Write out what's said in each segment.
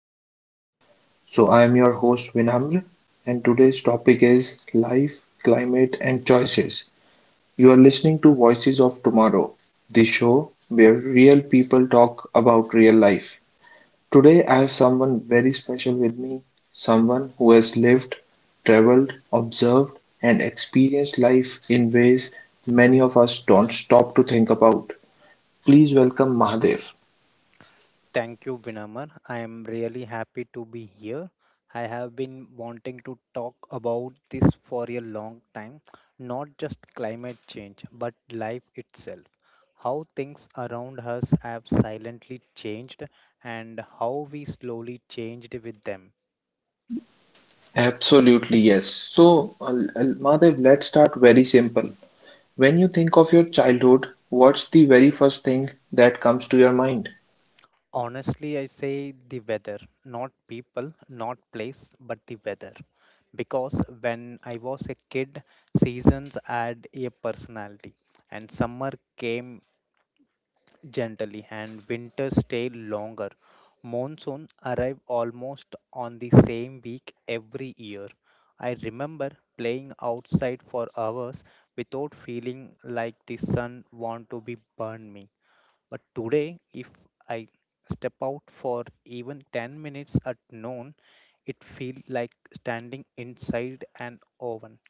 podcast. So, I am your host Vinamr, and today's topic is Life, Climate, and Choices. You are listening to Voices of Tomorrow, the show where real people talk about real life. Today, I have someone very special with me, someone who has lived, traveled, observed, and experienced life in ways many of us don't stop to think about. Please welcome Mahadev. Thank you, Binaman. I am really happy to be here. I have been wanting to talk about this for a long time, not just climate change, but life itself. How things around us have silently changed and how we slowly changed with them. Absolutely, yes. Madhav, let's start very simple. When you think of your childhood, what's the very first thing that comes to your mind? Honestly, I say the weather, not people, not place, but the weather. Because when I was a kid, seasons had a personality, and summer came gently, and winter stayed longer. Monsoon arrived almost on the same week every year. I remember playing outside for hours without feeling like the sun want to be burned me, but today, if I step out for even 10 minutes at noon, it feels like standing inside an oven.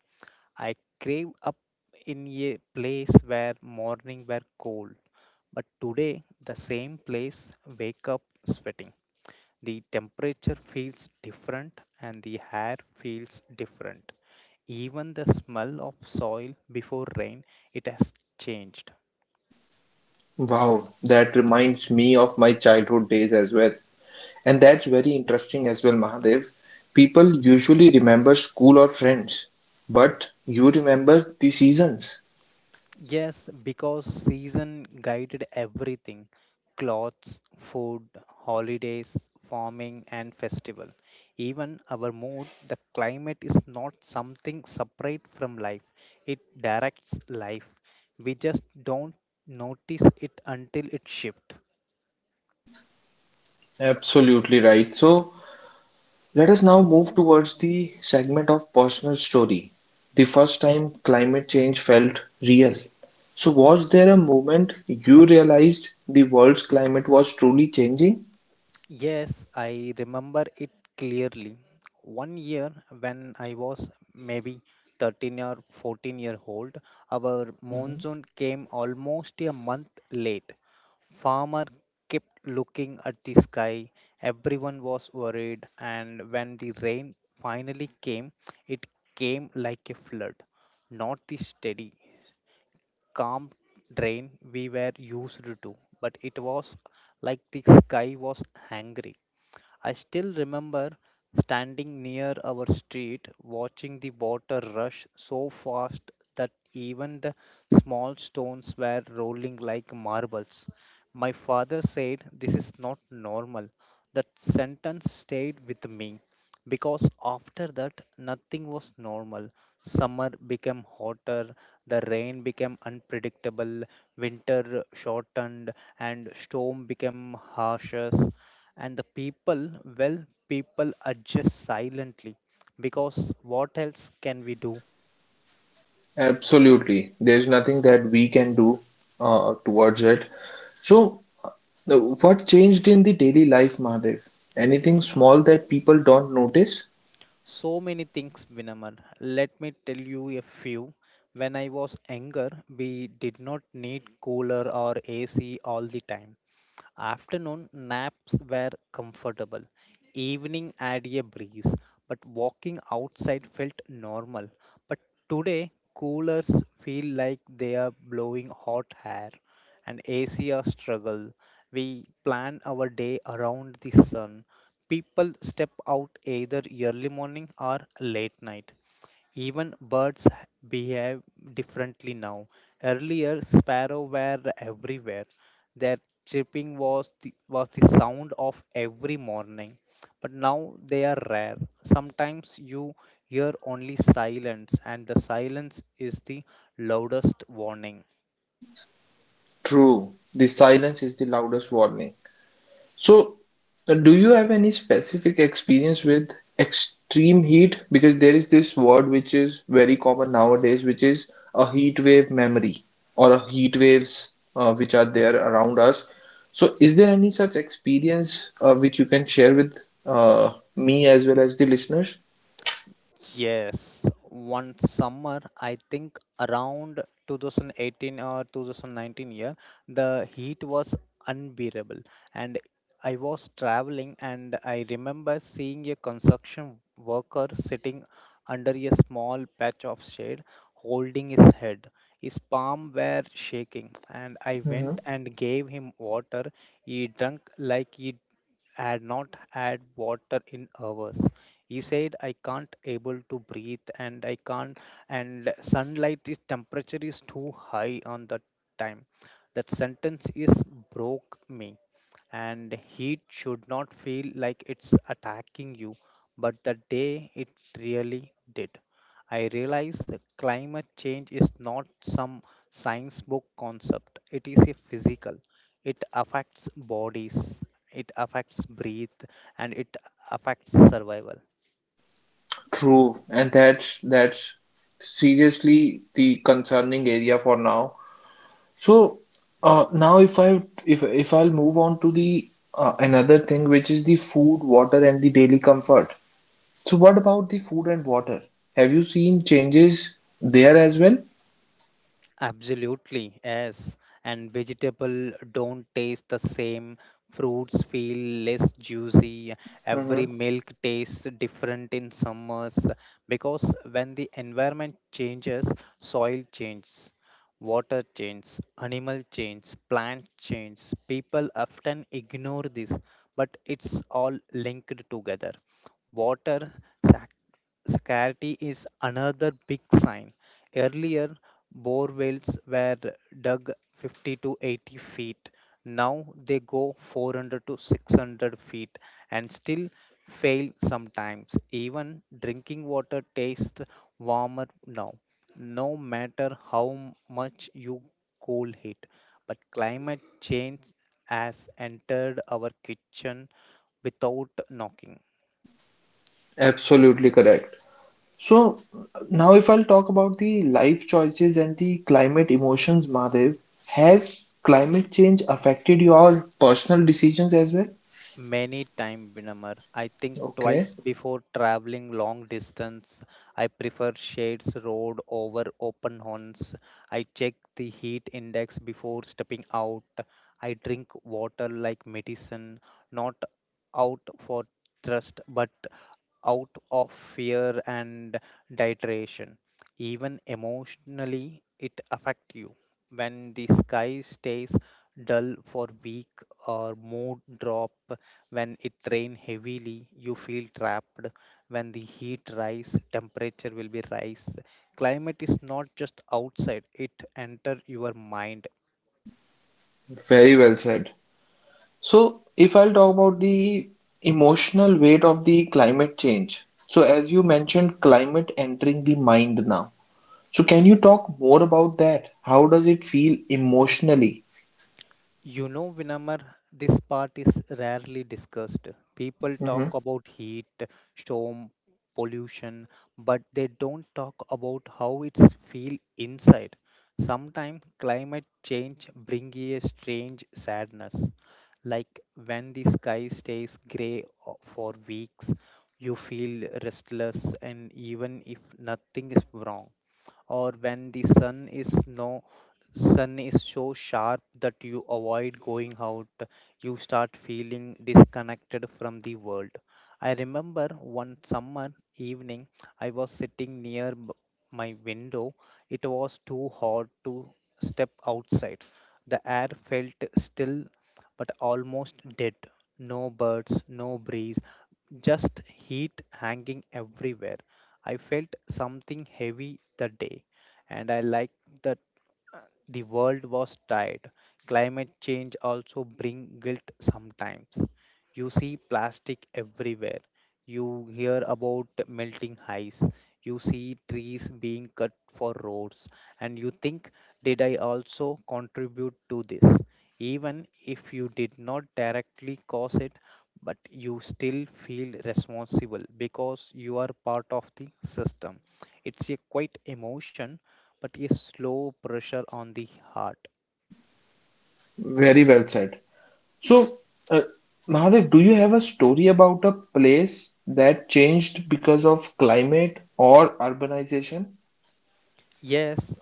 I crave up in a place where morning were cold, but today the same place wake up sweating. The temperature feels different and the hair feels different. Even the smell of soil before rain, it has changed. Wow, that reminds me of my childhood days as well. And that's very interesting as well, Mahadev. People usually remember school or friends, but you remember the seasons. Yes, because season guided everything: clothes, food, holidays, farming, and festival. Even our mood. The climate is not something separate from life, it directs life. We just don't notice it until it shifts. Absolutely right. So, let us now move towards the segment of personal story. The first time climate change felt real. So, was there a moment you realized the world's climate was truly changing? Yes, I remember it clearly. One year when I was maybe 13 or 14-year-old, our Mhm. monsoon came almost a month late. Farmer kept looking at the sky. Everyone was worried, and when the rain finally came, it came like a flood. Not the steady, calm rain we were used to, but it was like the sky was angry. I still remember standing near our street watching the water rush so fast that even the small stones were rolling like marbles. My father said, "This is not normal." That sentence stayed with me because after that, nothing was normal. Summer became hotter, the rain became unpredictable, winter shortened, and storm became harsher. And the people, well, people adjust silently because what else can we do? Absolutely. There's nothing that we can do towards it. So, what changed in the daily life, Mahadev? Anything small that people don't notice? So many things, Vinamar. Let me tell you a few. When I was younger, we did not need cooler or AC all the time. Afternoon naps were comfortable, evening had a breeze, but walking outside felt normal. But today, coolers feel like they are blowing hot air, and AC are struggle. We plan our day around the sun. People step out either early morning or late night. Even birds behave differently now. Earlier, sparrows were everywhere. Their chirping was the sound of every morning. But now they are rare. Sometimes you hear only silence, and the silence is the loudest warning. True. The silence is the loudest warning. So, do you have any specific experience with extreme heat? Because there is this word which is very common nowadays, which is a heat wave memory or a heat waves which are there around us. So, is there any such experience which you can share with me as well as the listeners? Yes, one summer, I think around 2018 or 2019 year, the heat was unbearable. And I was traveling, and I remember seeing a construction worker sitting under a small patch of shade, holding his head. His palm were shaking, and I Mhm. went and gave him water. He drank like he had not had water in hours. He said, "I can't able to breathe and I can't, and sunlight is temperature is too high on that time." That sentence is broke me, and heat should not feel like it's attacking you, but the day it really did. I realized that climate change is not some science book concept, it is a physical. It affects bodies, it affects breath, and it affects survival. True, and that's seriously the concerning area for now. So, now if I'll move on to the another thing which is the food, water and the daily comfort. So what about the food and water? Have you seen changes there as well? Absolutely, yes. And vegetable don't taste the same. Fruits feel less juicy. Every Hmm. milk tastes different in summers because when the environment changes, soil changes, water changes, animal changes, plant changes. People often ignore this, but it's all linked together. Water sac- scarcity is another big sign. Earlier, bore wells were dug 50 to 80 feet. Now they go 400 to 600 feet and still fail sometimes. Even drinking water tastes warmer now, no matter how much you cool it. But climate change has entered our kitchen without knocking. Absolutely correct. So now if I'll talk about the life choices and the climate emotions, Mahadev, has climate change affected your personal decisions as well? Many time, Vinamar. I think Okay, twice before traveling long distance. I prefer shades road over open horns. I check the heat index before stepping out. I drink water like medicine, not out for thirst, but out of fear and dehydration. Even emotionally, it affects you. When the sky stays dull for week or mood drop, when it rain heavily, you feel trapped. When the heat rise, temperature will be rise. Climate is not just outside, it enter your mind. very well said. So, if I'll talk about the emotional weight of the climate change, so as you mentioned, climate entering the mind now. So, can you talk more about that? How does it feel emotionally? You know, Vinamar, this part is rarely discussed. People talk Hmm. about heat, storm, pollution, but they don't talk about how it's feel inside. Sometimes climate change bring a strange sadness. Like when the sky stays grey for weeks, you feel restless and even if nothing is wrong. Or when the sun is no sun is so sharp that you avoid going out, you start feeling disconnected from the world. I remember one summer evening, I was sitting near my window. It was too hot to step outside. The air felt still, but almost dead. No birds, no breeze, just heat hanging everywhere. I felt something heavy the day, and I liked that uh, the world was tired. Climate change also bring guilt sometimes. You see plastic everywhere. You hear about melting ice. You see trees being cut for roads, and you think, did I also contribute to this? Even if you did not directly cause it, but you still feel responsible because you are part of the system. It's a quite emotion, but a slow pressure on the heart. Very well said. So, uh, Mahadev, do you have a story about a place that changed because of climate or urbanization? Yes,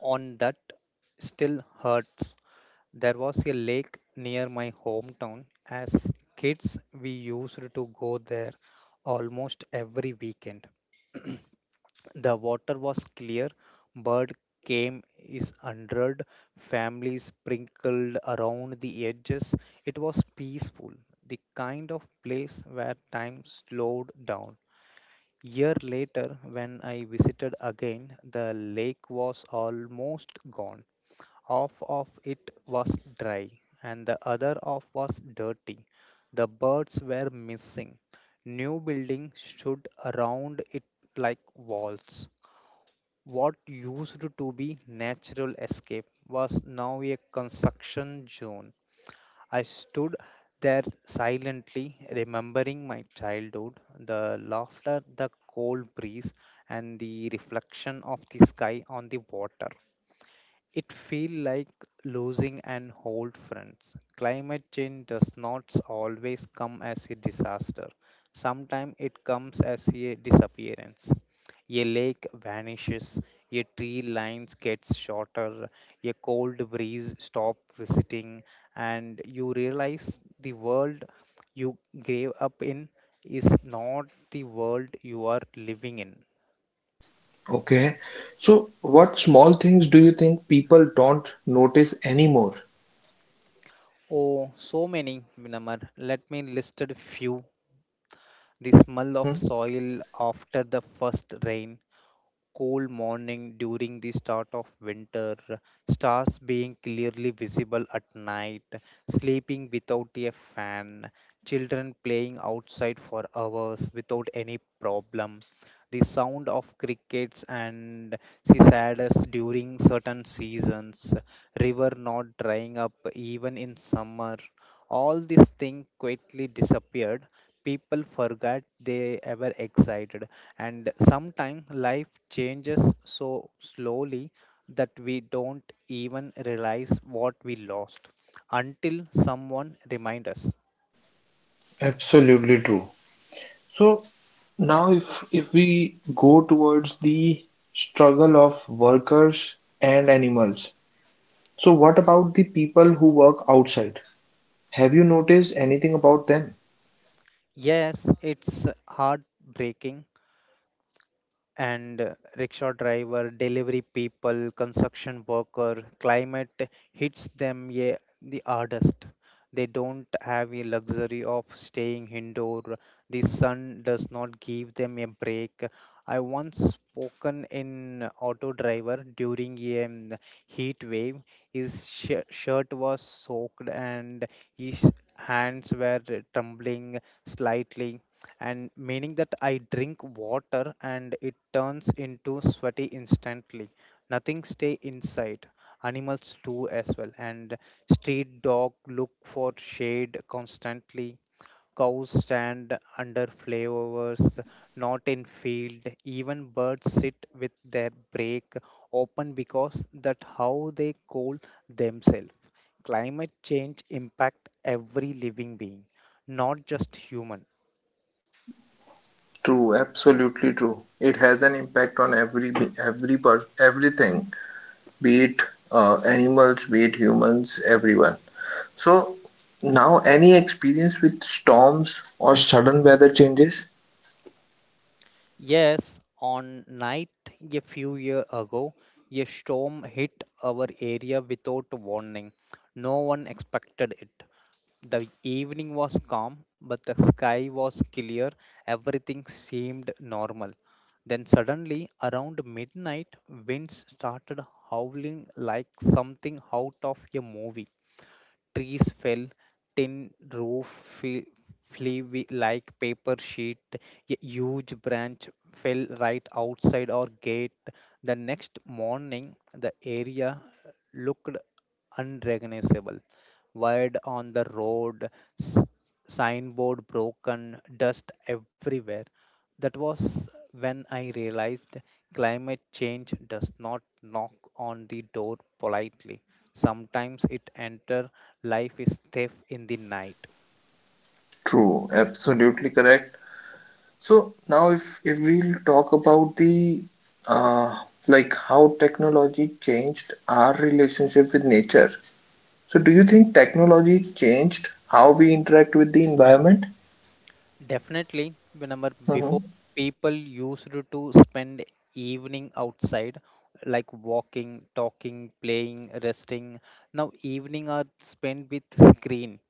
on that still hurts. There was a lake near my hometown. As kids, we used to go there almost every weekend. The water was clear. Bird came is hundred families sprinkled around the edges. It was peaceful, the kind of place where time slowed down. Year later, when I visited again, the lake was almost gone. Half of it was dry, and the other half was dirty. The birds were missing. New buildings stood around it like walls. What used to be natural escape was now a construction zone. I stood there silently, remembering my childhood, the laughter, the cold breeze, and the reflection of the sky on the water. It feels like losing an old friend. Climate change does not always come as a disaster. Sometimes it comes as a disappearance. A lake vanishes, a tree lines gets shorter, a cold breeze stops visiting, and you realize the world you grew up in is not the world you are living in. Okay. So, what small things do you think people don't notice anymore? Oh, so many, Minamar. Let me list a few: the smell of Hmm. soil after the first rain, cool morning during the start of winter, stars being clearly visible at night, sleeping without a fan, children playing outside for hours without any problem, the sound of crickets and cicadas during certain seasons, river not drying up even in summer. All these things quietly disappeared. People forgot they ever existed. And sometimes life changes so slowly that we don't even realize what we lost until someone reminds us. Absolutely true. So now if we go towards the struggle of workers and animals, so what about the people who work outside? Have you noticed anything about them? Yes, it's heartbreaking, and rickshaw driver, delivery people, construction worker, climate hits them, yeah, the hardest. They don't have a luxury of staying indoor. The sun does not give them a break. I once spoken in auto driver during a heat wave. His shirt was soaked and his hands were trembling slightly and meaning that I drink water and it turns into sweaty instantly. Nothing stay inside. Animals do as well, and street dog look for shade constantly. Cows stand under flyovers, not in field. Even birds sit with their break open because that how they cool themselves. Climate change impact every living being, not just human. True, absolutely true. It has an impact on every everything, be it animals, be it humans, everyone. So now any experience with storms or sudden weather changes? Yes, on night a few years ago, a storm hit our area without warning. No one expected it. The evening was calm, but the sky was clear. Everything seemed normal. Then suddenly, around midnight, winds started howling like something out of a movie. Trees fell, tin roof fe- flew like paper sheet. A huge branch fell right outside our gate. The next morning, the area looked unrecognizable. Wired on the road, s- signboard broken, dust everywhere. That was when I realized climate change does not knock on the door politely. Sometimes it enters life is thief in the night. True, absolutely correct. So now if we'll talk about the uh, like how technology changed our relationship with nature. So do you think technology changed how we interact with the environment? Definitely. Remember, before Hmm. people used to spend evening outside, like walking, talking, playing, resting. Now evening are spent with screen.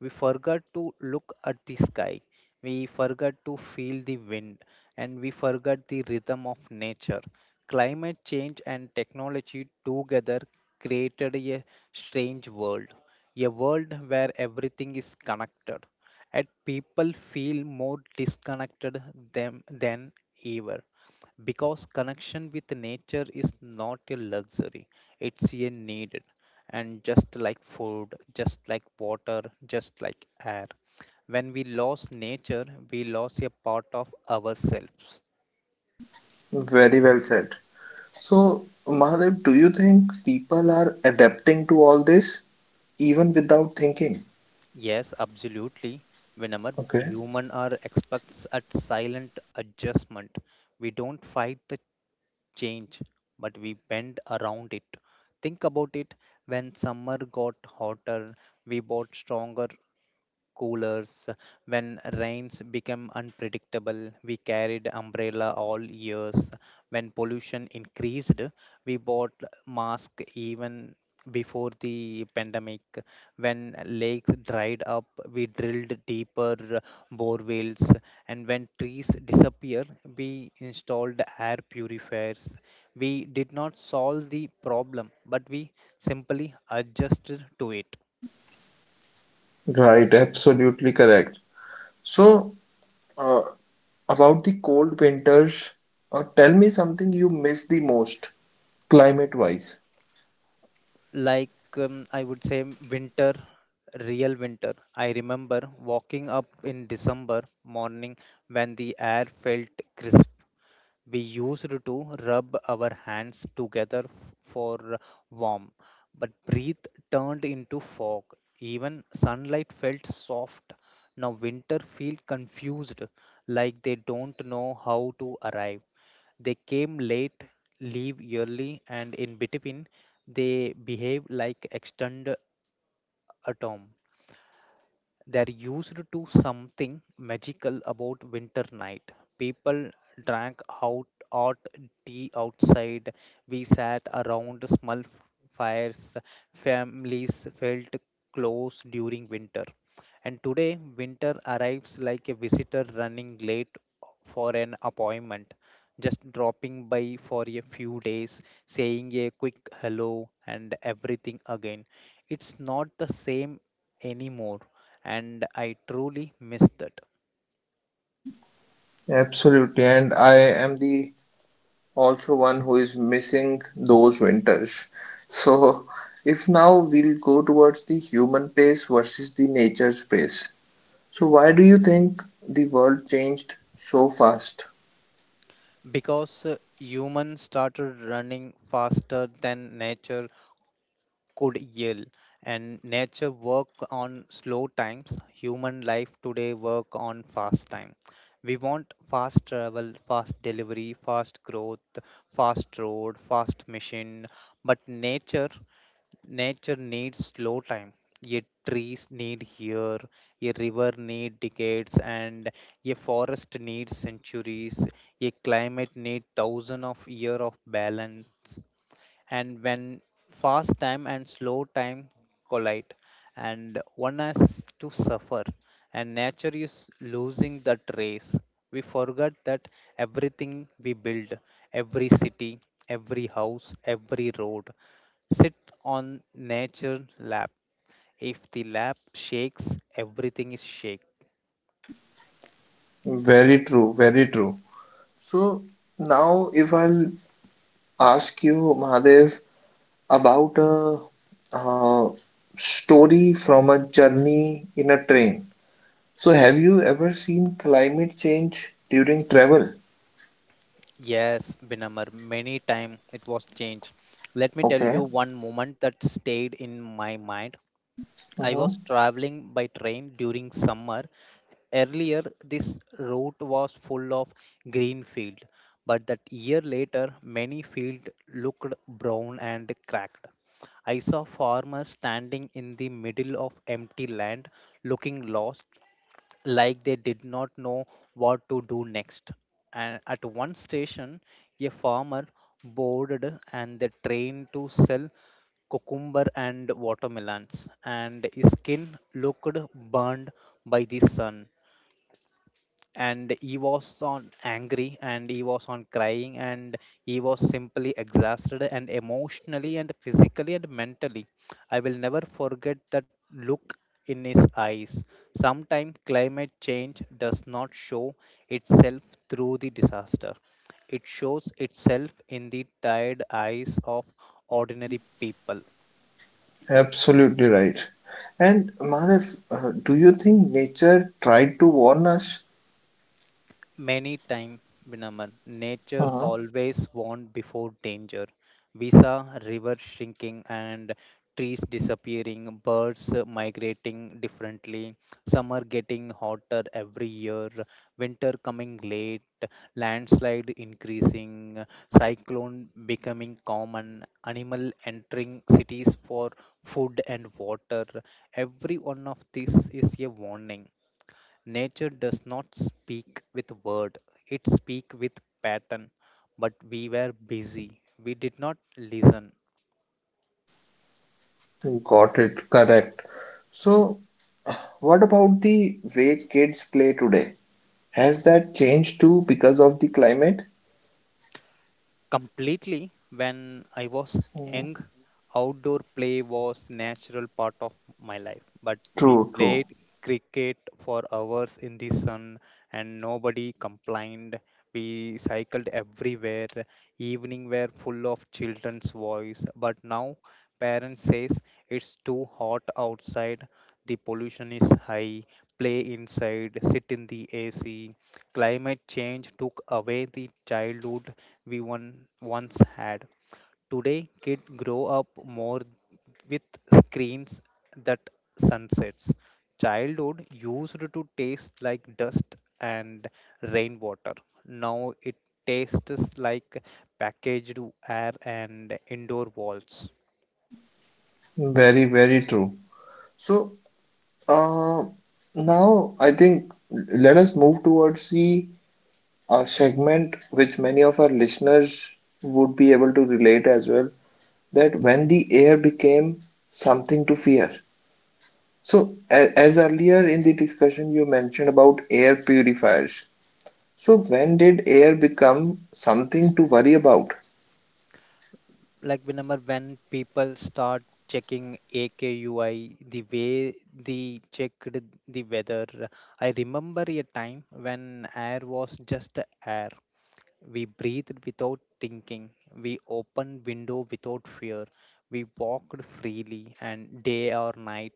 We forgot to look at the sky. We forgot to feel the wind, and we forgot the rhythm of nature. Climate change and technology together created a strange world, a world where everything is connected and people feel more disconnected than ever, because connection with nature is not a luxury, it's a need, and just like food, just like water, just like air, when we lose nature, we lose a part of ourselves. Very well said. So Mahadev, do you think people are adapting to all this even without thinking? Yes, absolutely. Whenever Okay. human are experts at silent adjustment, we don't fight the change, but we bend around it. Think about it. When summer got hotter, we bought stronger coolers. When rains became unpredictable, we carried umbrella all years. When pollution increased, we bought mask even before the pandemic. When lakes dried up, we drilled deeper borewells. And when trees disappeared, we installed air purifiers. We did not solve the problem, but we simply adjusted to it. Right, absolutely correct. So uh, about the cold winters, tell me something you miss the most. Climate wise. like I would say winter, real winter. I remember walking up in December morning when the air felt crisp. We used to rub our hands together for warmth, but breath turned into fog. Even sunlight felt soft. Now winter feel confused, like they don't know how to arrive. They came late, leave early, and in between, they behave like extended atom. There used to something magical about winter night. People drank out hot tea outside. We sat around small fires. Families felt close during winter. And today, winter arrives like a visitor running late for an appointment, just dropping by for a few days, saying a quick hello, and everything again. It's not the same anymore and I truly miss that. Absolutely, and I am the also one who is missing those winters. So, if now we'll go towards the human pace versus the nature pace. So, why do you think the world changed so fast? Because humans started running faster than nature could yell, and nature work on slow times, human life today work on fast time. We want fast travel, fast delivery, fast growth, fast road, fast machine, but Nature needs slow time. Yet trees need year, a river need decades, and a forest needs centuries. A climate need thousands of years of balance, and when fast time and slow time collide, and one has to suffer, and nature is losing that race. We forget that everything we build, every city, every house, every road sit on nature lap. If the lap shakes, everything is shake. Very true, very true. So, now if I'll ask you, Mahadev, about a, uh story from a journey in a train. So, have you ever seen climate change during travel? Yes, Binamar, many time it was changed. Let me tell Okay. you one moment that stayed in my mind. I was Hmm. traveling by train during summer. Earlier, this route was full of green field, but that year later, many field looked brown and cracked. I saw farmers standing in the middle of empty land, looking lost, like they did not know what to do next. And at one station, a farmer boarded and the train to sell cucumber and watermelons, and his skin looked burned by the sun. And he was on angry, and he was on crying, and he was simply exhausted, and emotionally, and physically, and mentally. I will never forget that look in his eyes. Sometimes climate change does not show itself through the disaster. It shows itself in the tired eyes of ordinary people. Absolutely right. And Madhav, do you think nature tried to warn us? Many time, Vinaman, nature Hmm. always warn before danger. We saw river shrinking and trees disappearing, birds migrating differently, summer getting hotter every year, winter coming late, landslide increasing, cyclone becoming common, animal entering cities for food and water. Every one of these is a warning. Nature does not speak with word, it speaks with pattern. But we were busy. We did not listen. Got it. Correct. So, what about the way kids play today? Has that changed too because of the climate? Completely, when I was Mhm. young, outdoor play was natural part of my life. But we True, played true. cricket for hours in the sun, and nobody complained. We cycled everywhere. Evening were full of children's voice. But now, parents says it's too hot outside. The pollution is high. Play inside. Sit in the AC. Climate change took away the childhood we one once had. Today, kids grow up more with screens that sunsets. Childhood used to taste like dust and rainwater. Now it tastes like packaged air and indoor walls. Very, very true. So, uh, now I think let us move towards the segment which many of our listeners would be able to relate as well, that when the air became something to fear. So, as earlier in the discussion, you mentioned about air purifiers. So, when did air become something to worry about? Like remember when people start checking AKUI, the way they checked the weather. I remember a time when air was just air. We breathed without thinking. We opened window without fear. We walked freely and day or night.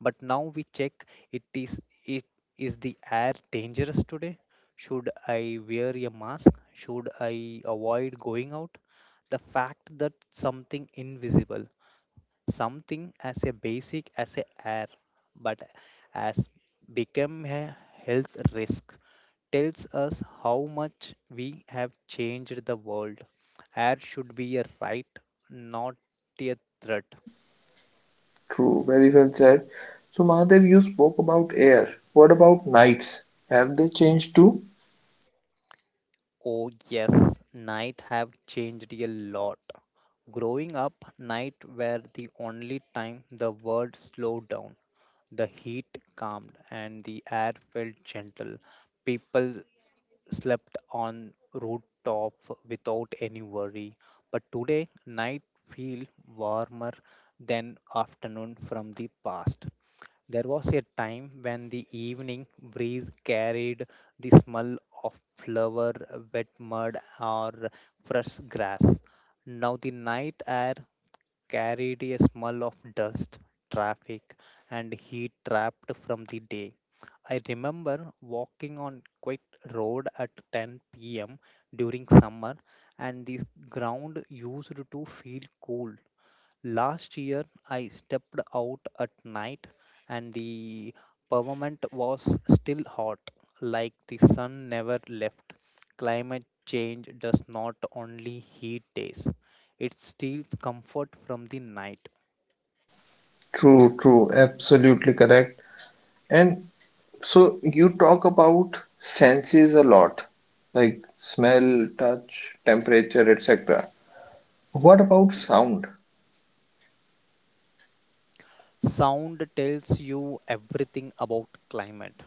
But now we check, it is it is the air dangerous today? Should I wear a mask? Should I avoid going out? The fact that something invisible, something as a basic as a air, but as become a health risk, tells us how much we have changed the world. Air should be a right, not a threat. True, very well said. So, Mahadev, you spoke about air. What about nights? Have they changed too? Oh, yes, night have changed a lot. Growing up, night were the only time the world slowed down. The heat calmed and the air felt gentle. People slept on rooftop without any worry. But today, night feel warmer than afternoon from the past. There was a time when the evening breeze carried the smell of flower, wet mud, or fresh grass. Now the night air carried a smell of dust, traffic, and heat trapped from the day. I remember walking on quiet road at 10 p.m. during summer, and the ground used to feel cool. Last year, I stepped out at night and the pavement was still hot, like the sun never left. Climate change does not only heat days, it steals comfort from the night. True, true, absolutely correct. And so, you talk about senses a lot, like smell, touch, temperature, etc. What about sound? Sound tells you everything about climate.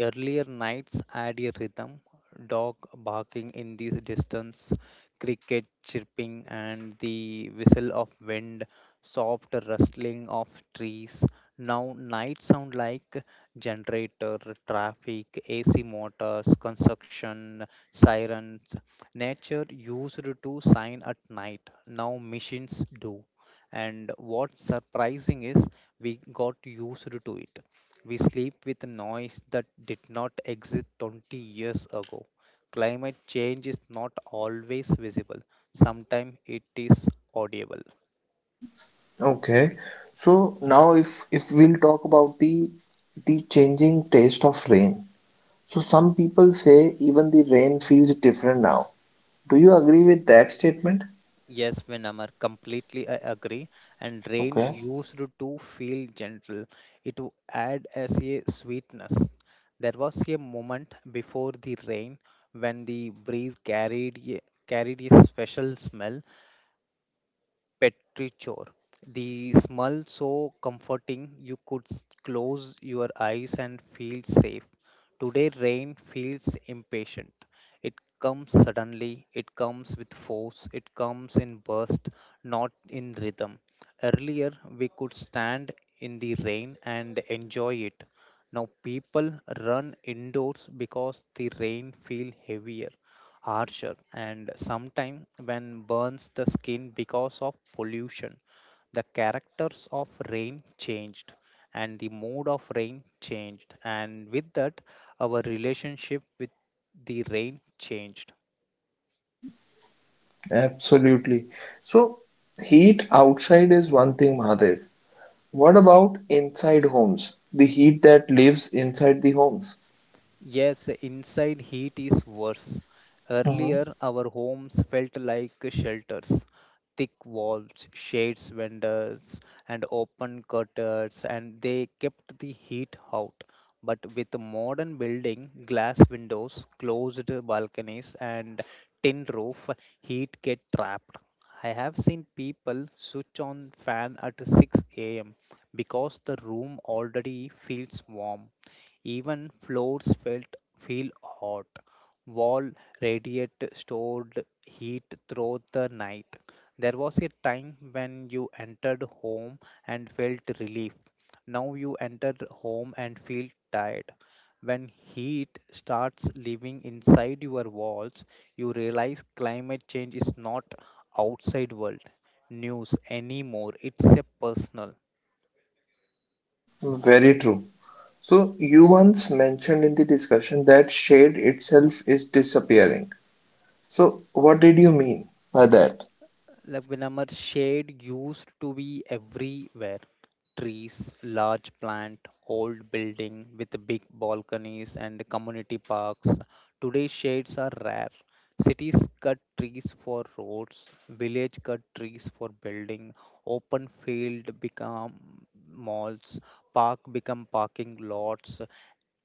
Earlier nights add a rhythm, dog barking in the distance, cricket chirping, and the whistle of wind, soft rustling of trees. Now, nights sound like generator, traffic, AC motors, construction, sirens. Nature used to sign at night, now machines do. And what's surprising is we got used to it. We sleep with a noise that did not exist 20 years ago. Climate change is not always visible, sometimes it is audible. Okay. So now if we'll talk about the changing taste of rain. So some people say even the rain feels different now. Do you agree with that statement? Yes, Vinamar, completely I agree. And rain Okay, used to feel gentle, it would add as a sweetness. There was a moment before the rain when the breeze carried a, carried a special smell, Petrichor. The smell so comforting you could close your eyes and feel safe. Today, rain feels impatient. It comes suddenly, it comes with force, it comes in bursts, not in rhythm. Earlier, we could stand in the rain and enjoy it. Now, people run indoors because the rain feels heavier, harsher, and sometimes when burns the skin because of pollution, the characters of rain changed, and the mood of rain changed, and with that our relationship with the rain changed. absolutely. So heat outside is one thing, Mahadev. What about inside homes? The heat that lives inside the homes. Yes, inside heat is worse. Hmm. Earlier our homes felt like shelters, thick walls, shades windows, and open curtains, and they kept the heat out. But with modern building, glass windows, closed balconies, and tin roof, heat get trapped. I have seen people switch on fan at 6 a.m. because the room already feels warm. Even floors felt feel hot. Wall radiate stored heat throughout the night. There was a time when you entered home and felt relief. Now you enter home and feel tired. When heat starts living inside your walls, you realize climate change is not outside world news anymore. It's a personal. Very true. So you once mentioned in the discussion that shade itself is disappearing. So, what did you mean by that? Like Vinamar, shade used to be everywhere. Trees, large plant, old building with big balconies and community parks. Today shades are rare. Cities cut trees for roads, village cut trees for building, open field become malls, park become parking lots.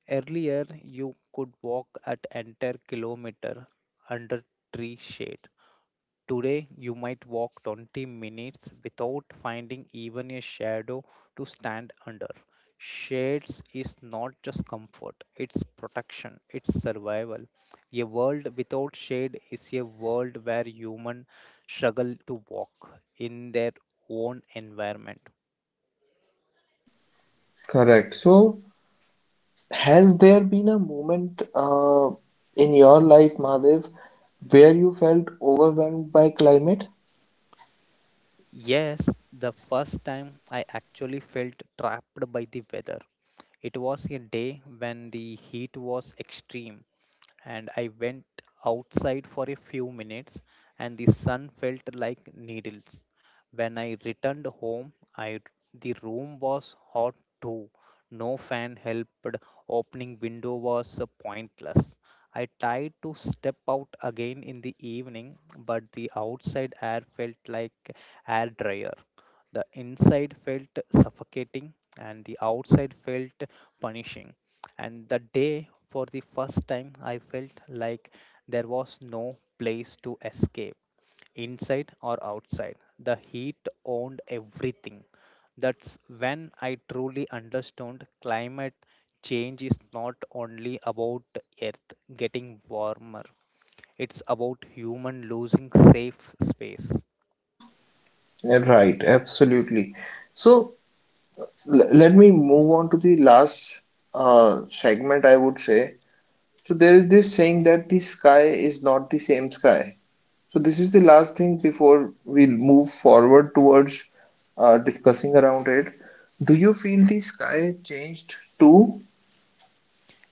Earlier you could walk at entire kilometer under tree shade. Today, you might walk 20 minutes without finding even a shadow to stand under. Shades is not just comfort, it's protection, it's survival. A world without shade is a world where humans struggle to walk in their own environment. Correct. So, has there been a moment in your life, Madhav, where you felt overwhelmed by climate? Yes, the first time I actually felt trapped by the weather. It was a day when the heat was extreme and I went outside for a few minutes, and the sun felt like needles. When I returned home, I the room was hot too. No fan helped. Opening window was pointless. I tried to step out again in the evening, but the outside air felt like air dryer. The inside felt suffocating, and the outside felt punishing. And the day, for the first time, I felt like there was no place to escape, inside or outside. The heat owned everything. That's when I truly understood climate change is not only about Earth getting warmer, it's about human losing safe space. Right, absolutely. So let me move on to the last segment, I would say. So there is this saying that the sky is not the same sky. So this is the last thing before we move forward towards discussing around it. Do you feel the sky changed too?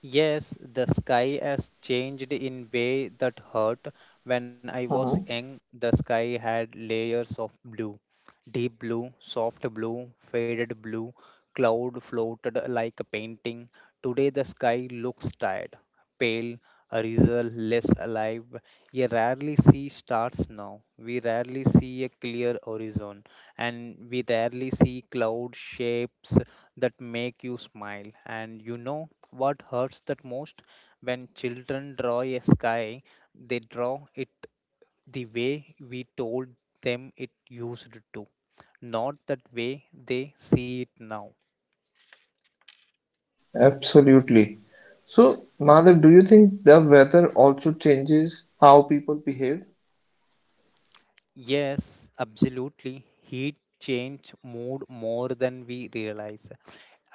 Yes, the sky has changed in way that hurt. When I was Mhm. young, the sky had layers of blue. Deep blue, soft blue, faded blue, cloud floated like a painting. Today the sky looks tired, pale, a result less alive. You rarely see stars now. We rarely see a clear horizon, and we rarely see cloud shapes that make you smile. And you know, what hurts that most? When children draw a sky, they draw it the way we told them it used to, not that way they see it now. Absolutely. So, Madhav, do you think the weather also changes how people behave? Yes, absolutely. Heat change mood more than we realize.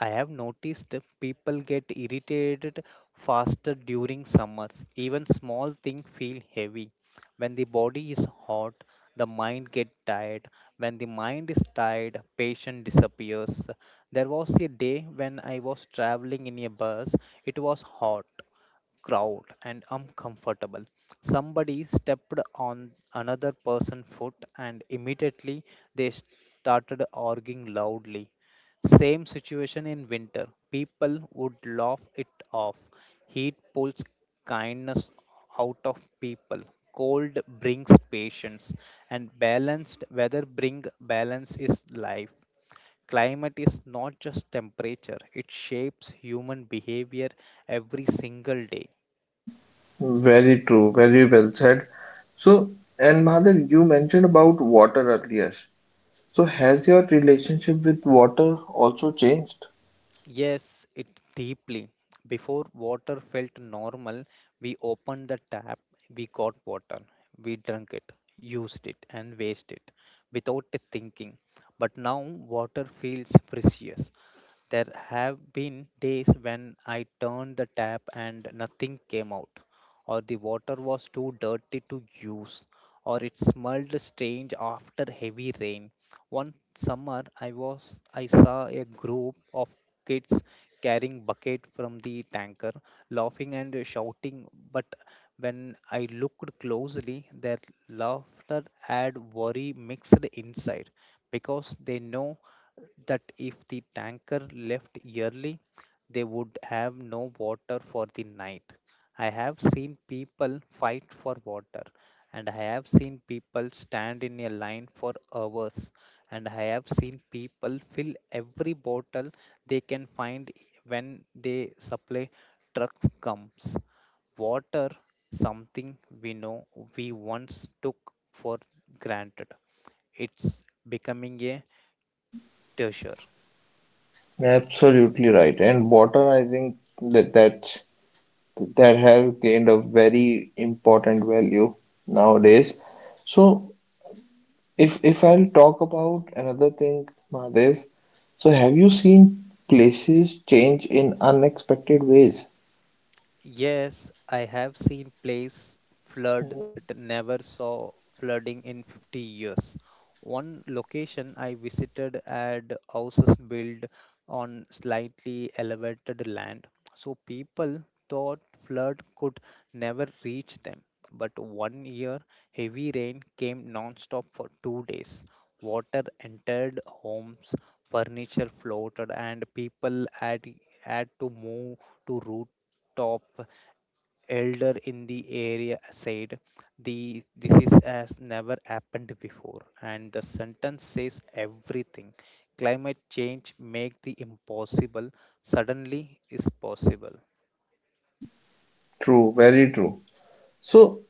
I have noticed people get irritated faster during summers. Even small things feel heavy. When the body is hot, the mind gets tired. When the mind is tired, patience disappears. There was a day when I was traveling in a bus. It was hot crowd and uncomfortable. Somebody stepped on another person's foot and immediately they started arguing loudly. Same situation in winter. People would laugh it off. Heat pulls kindness out of people. Cold brings patience, and balanced weather bring balance is life. Climate is not just temperature, it shapes human behavior every single day. Very true, very well said. So, and Madhav, you mentioned about water earlier. So, has your relationship with water also changed? Yes, it deeply. Before water felt normal, we opened the tap, we got water, we drank it, used it, and wasted it without thinking. But now water feels precious. There have been days when I turned the tap and nothing came out, or the water was too dirty to use, or it smelled strange after heavy rain. One summer I saw a group of kids carrying bucket from the tanker, laughing and shouting, but when I looked closely, their laughter had worry mixed inside because they know that if the tanker left early, they would have no water for the night. I have seen people fight for water, and I have seen people stand in a line for hours, and I have seen people fill every bottle they can find when they supply trucks comes. Water, something we know we once took for granted. It's becoming a treasure. Absolutely right. And water, I think that that has gained a very important value nowadays. So if I'll talk about another thing, Mahadev, so have you seen places change in unexpected ways? Yes, I have seen place flood Mhm. that never saw flooding in 50 years. One location I visited had houses built on slightly elevated land, so people thought flood could never reach them. But one year, heavy rain came non-stop for 2 days. Water entered homes, furniture floated, and people had to move to rooftop elder in the area said the this is as never happened before and the sentence says everything. Climate change make the impossible suddenly is possible. True, very true. So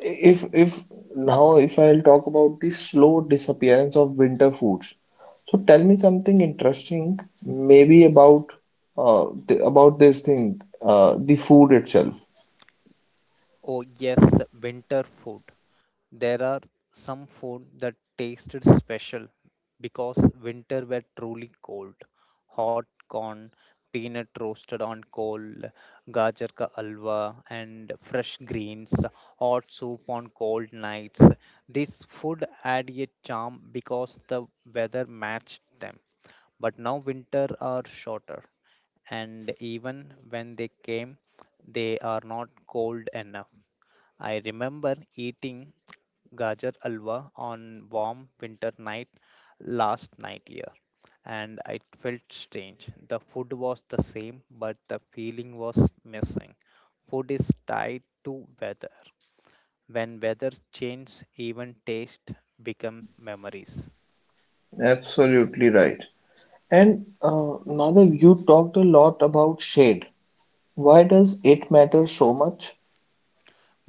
if now if I'll talk about the slow disappearance of winter foods. So tell me something interesting, maybe about th about this thing, the food itself. Oh, yes, winter food. There are some food that tasted special because winter were truly cold. Hot corn, peanut roasted on coal, gajar ka alwa, and fresh greens, hot soup on cold nights. This food had a charm because the weather matched them. But now winter are shorter, and even when they came, they are not cold enough. I remember eating gajar alwa on warm winter night last night year and it felt strange. The food was the same but the feeling was missing. Food is tied to weather. When weather changes even taste become memories. Absolutely right. And Madhav, you talked a lot about shade. Why does it matter so much?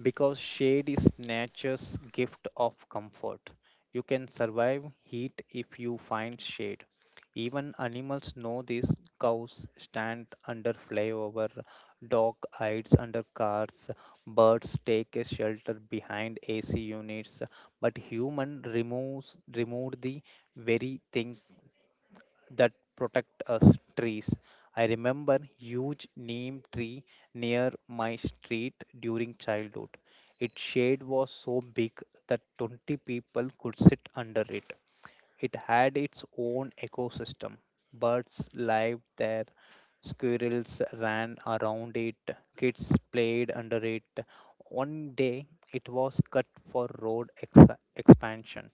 Because shade is nature's gift of comfort. You can survive heat if you find shade. Even animals know this. Cows stand under flyover, dog hides under cars, birds take a shelter behind AC units, but human removes removed the very thing that protect us, trees. I remember huge neem tree near my street during childhood. Its shade was so big that 20 people could sit under it. It had its own ecosystem. Birds lived there, squirrels ran around it, kids played under it. One day, it was cut for road expansion.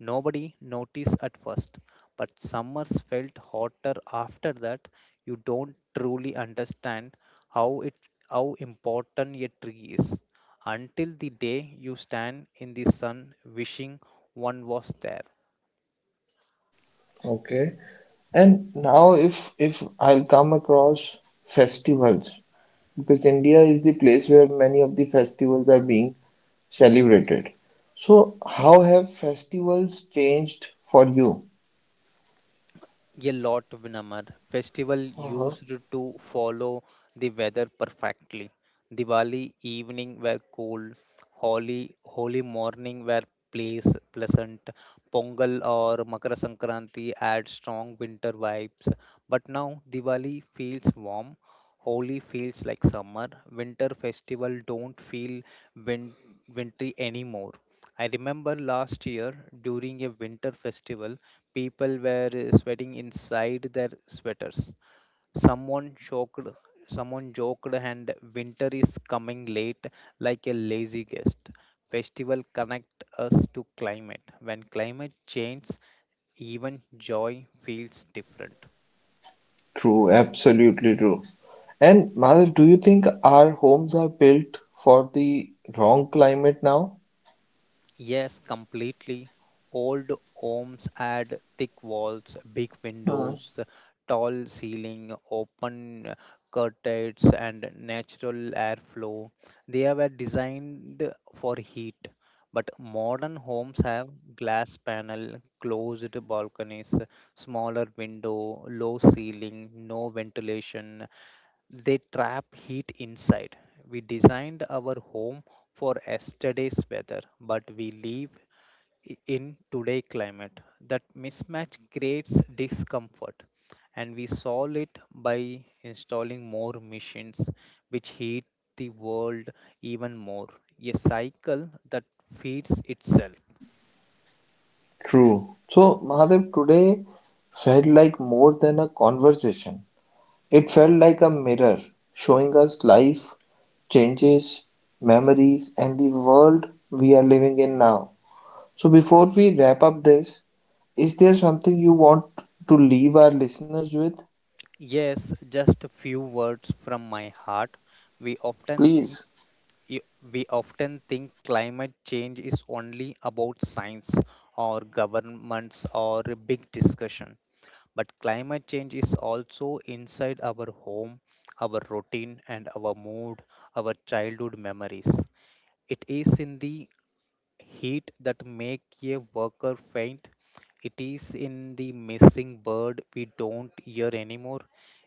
Nobody noticed at first, but summers felt hotter after that. You don't truly understand how it how important a tree is until the day you stand in the sun wishing one was there. Okay. And now if I'll come across festivals, because India is the place where many of the festivals are being celebrated. So how have festivals changed for you? A lot, Vinamar. Festival Uh-huh. used to follow the weather perfectly. Diwali evening were cold, Holi morning were place pleasant, Pongal or Makara Sankranti add strong winter vibes. But now Diwali feels warm, Holi feels like summer. Winter festival don't feel win- wintry anymore. I remember last year during a winter festival. People were sweating inside their sweaters. Someone joked, someone joked, and winter is coming late like a lazy guest. Festival connect us to climate. When climate changes, even joy feels different. True, absolutely true. And Madhav, do you think our homes are built for the wrong climate now? Yes, completely. Old homes had thick walls, big windows, tall ceiling, open curtains, and natural airflow. They were designed for heat, but modern homes have glass panel, closed balconies, smaller window, low ceiling, no ventilation, they trap heat inside. We designed our home for yesterday's weather, but we live in today's climate. That mismatch creates discomfort, and we solve it by installing more machines which heat the world even more. A cycle that feeds itself. True. So, Mahadev, today felt like more than a conversation. It felt like a mirror showing us life, changes, memories, and the world we are living in now. So, before we wrap up this, is there something you want to leave our listeners with? Yes, just a few words from my heart. We often Please. think y- we often think climate change is only about science or governments or a big discussion, but climate change is also inside our home, our routine and our mood, our childhood memories. It is in the heat that make a worker faint. It is in the missing bird we don't hear anymore.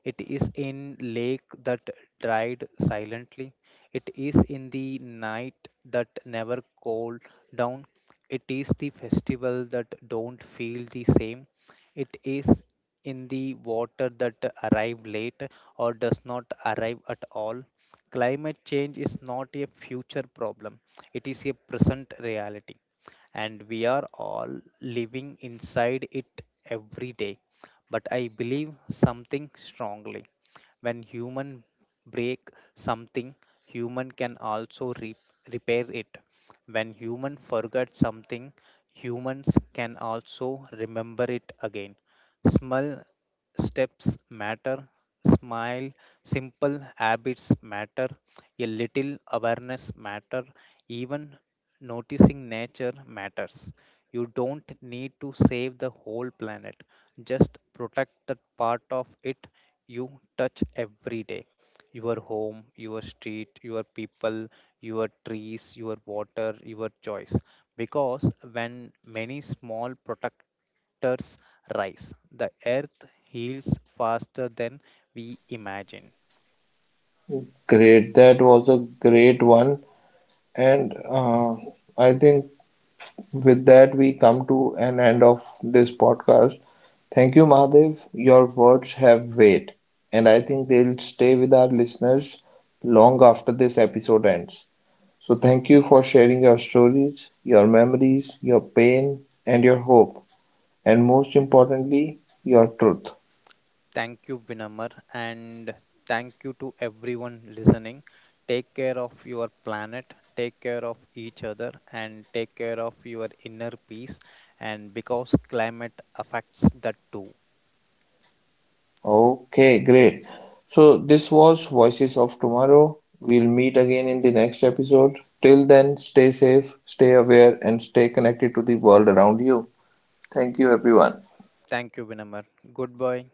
It is in lake that dried silently. It is in the night that never cooled down. It is the festival that don't feel the same. It is in the water that arrive late or does not arrive at all. Climate change is not a future problem. It is a present reality, and we are all living inside it every day. But I believe something strongly. When human break something, human can also repair it. When human forget something, humans can also remember it again. Small steps matter. Smile, simple habits matter. A little awareness matter. Even noticing nature matters. You don't need to save the whole planet, just protect the part of it you touch every day, your home, your street, your people, your trees, your water, your choice. Because when many small protectors rise, the earth heals faster than we imagine. Great. That was a great one. And I think with that, we come to an end of this podcast. Thank you, Mahadev. Your words have weight, and I think they'll stay with our listeners long after this episode ends. So, thank you for sharing your stories, your memories, your pain, and your hope, and most importantly, your truth. Thank you, Vinamar, and thank you to everyone listening. Take care of your planet, take care of each other, and take care of your inner peace. And because climate affects that too. Okay, great. So this was Voices of Tomorrow. We'll meet again in the next episode. Till then, stay safe, stay aware, and stay connected to the world around you. Thank you, Go- everyone. thank you, Vinamar. Goodbye.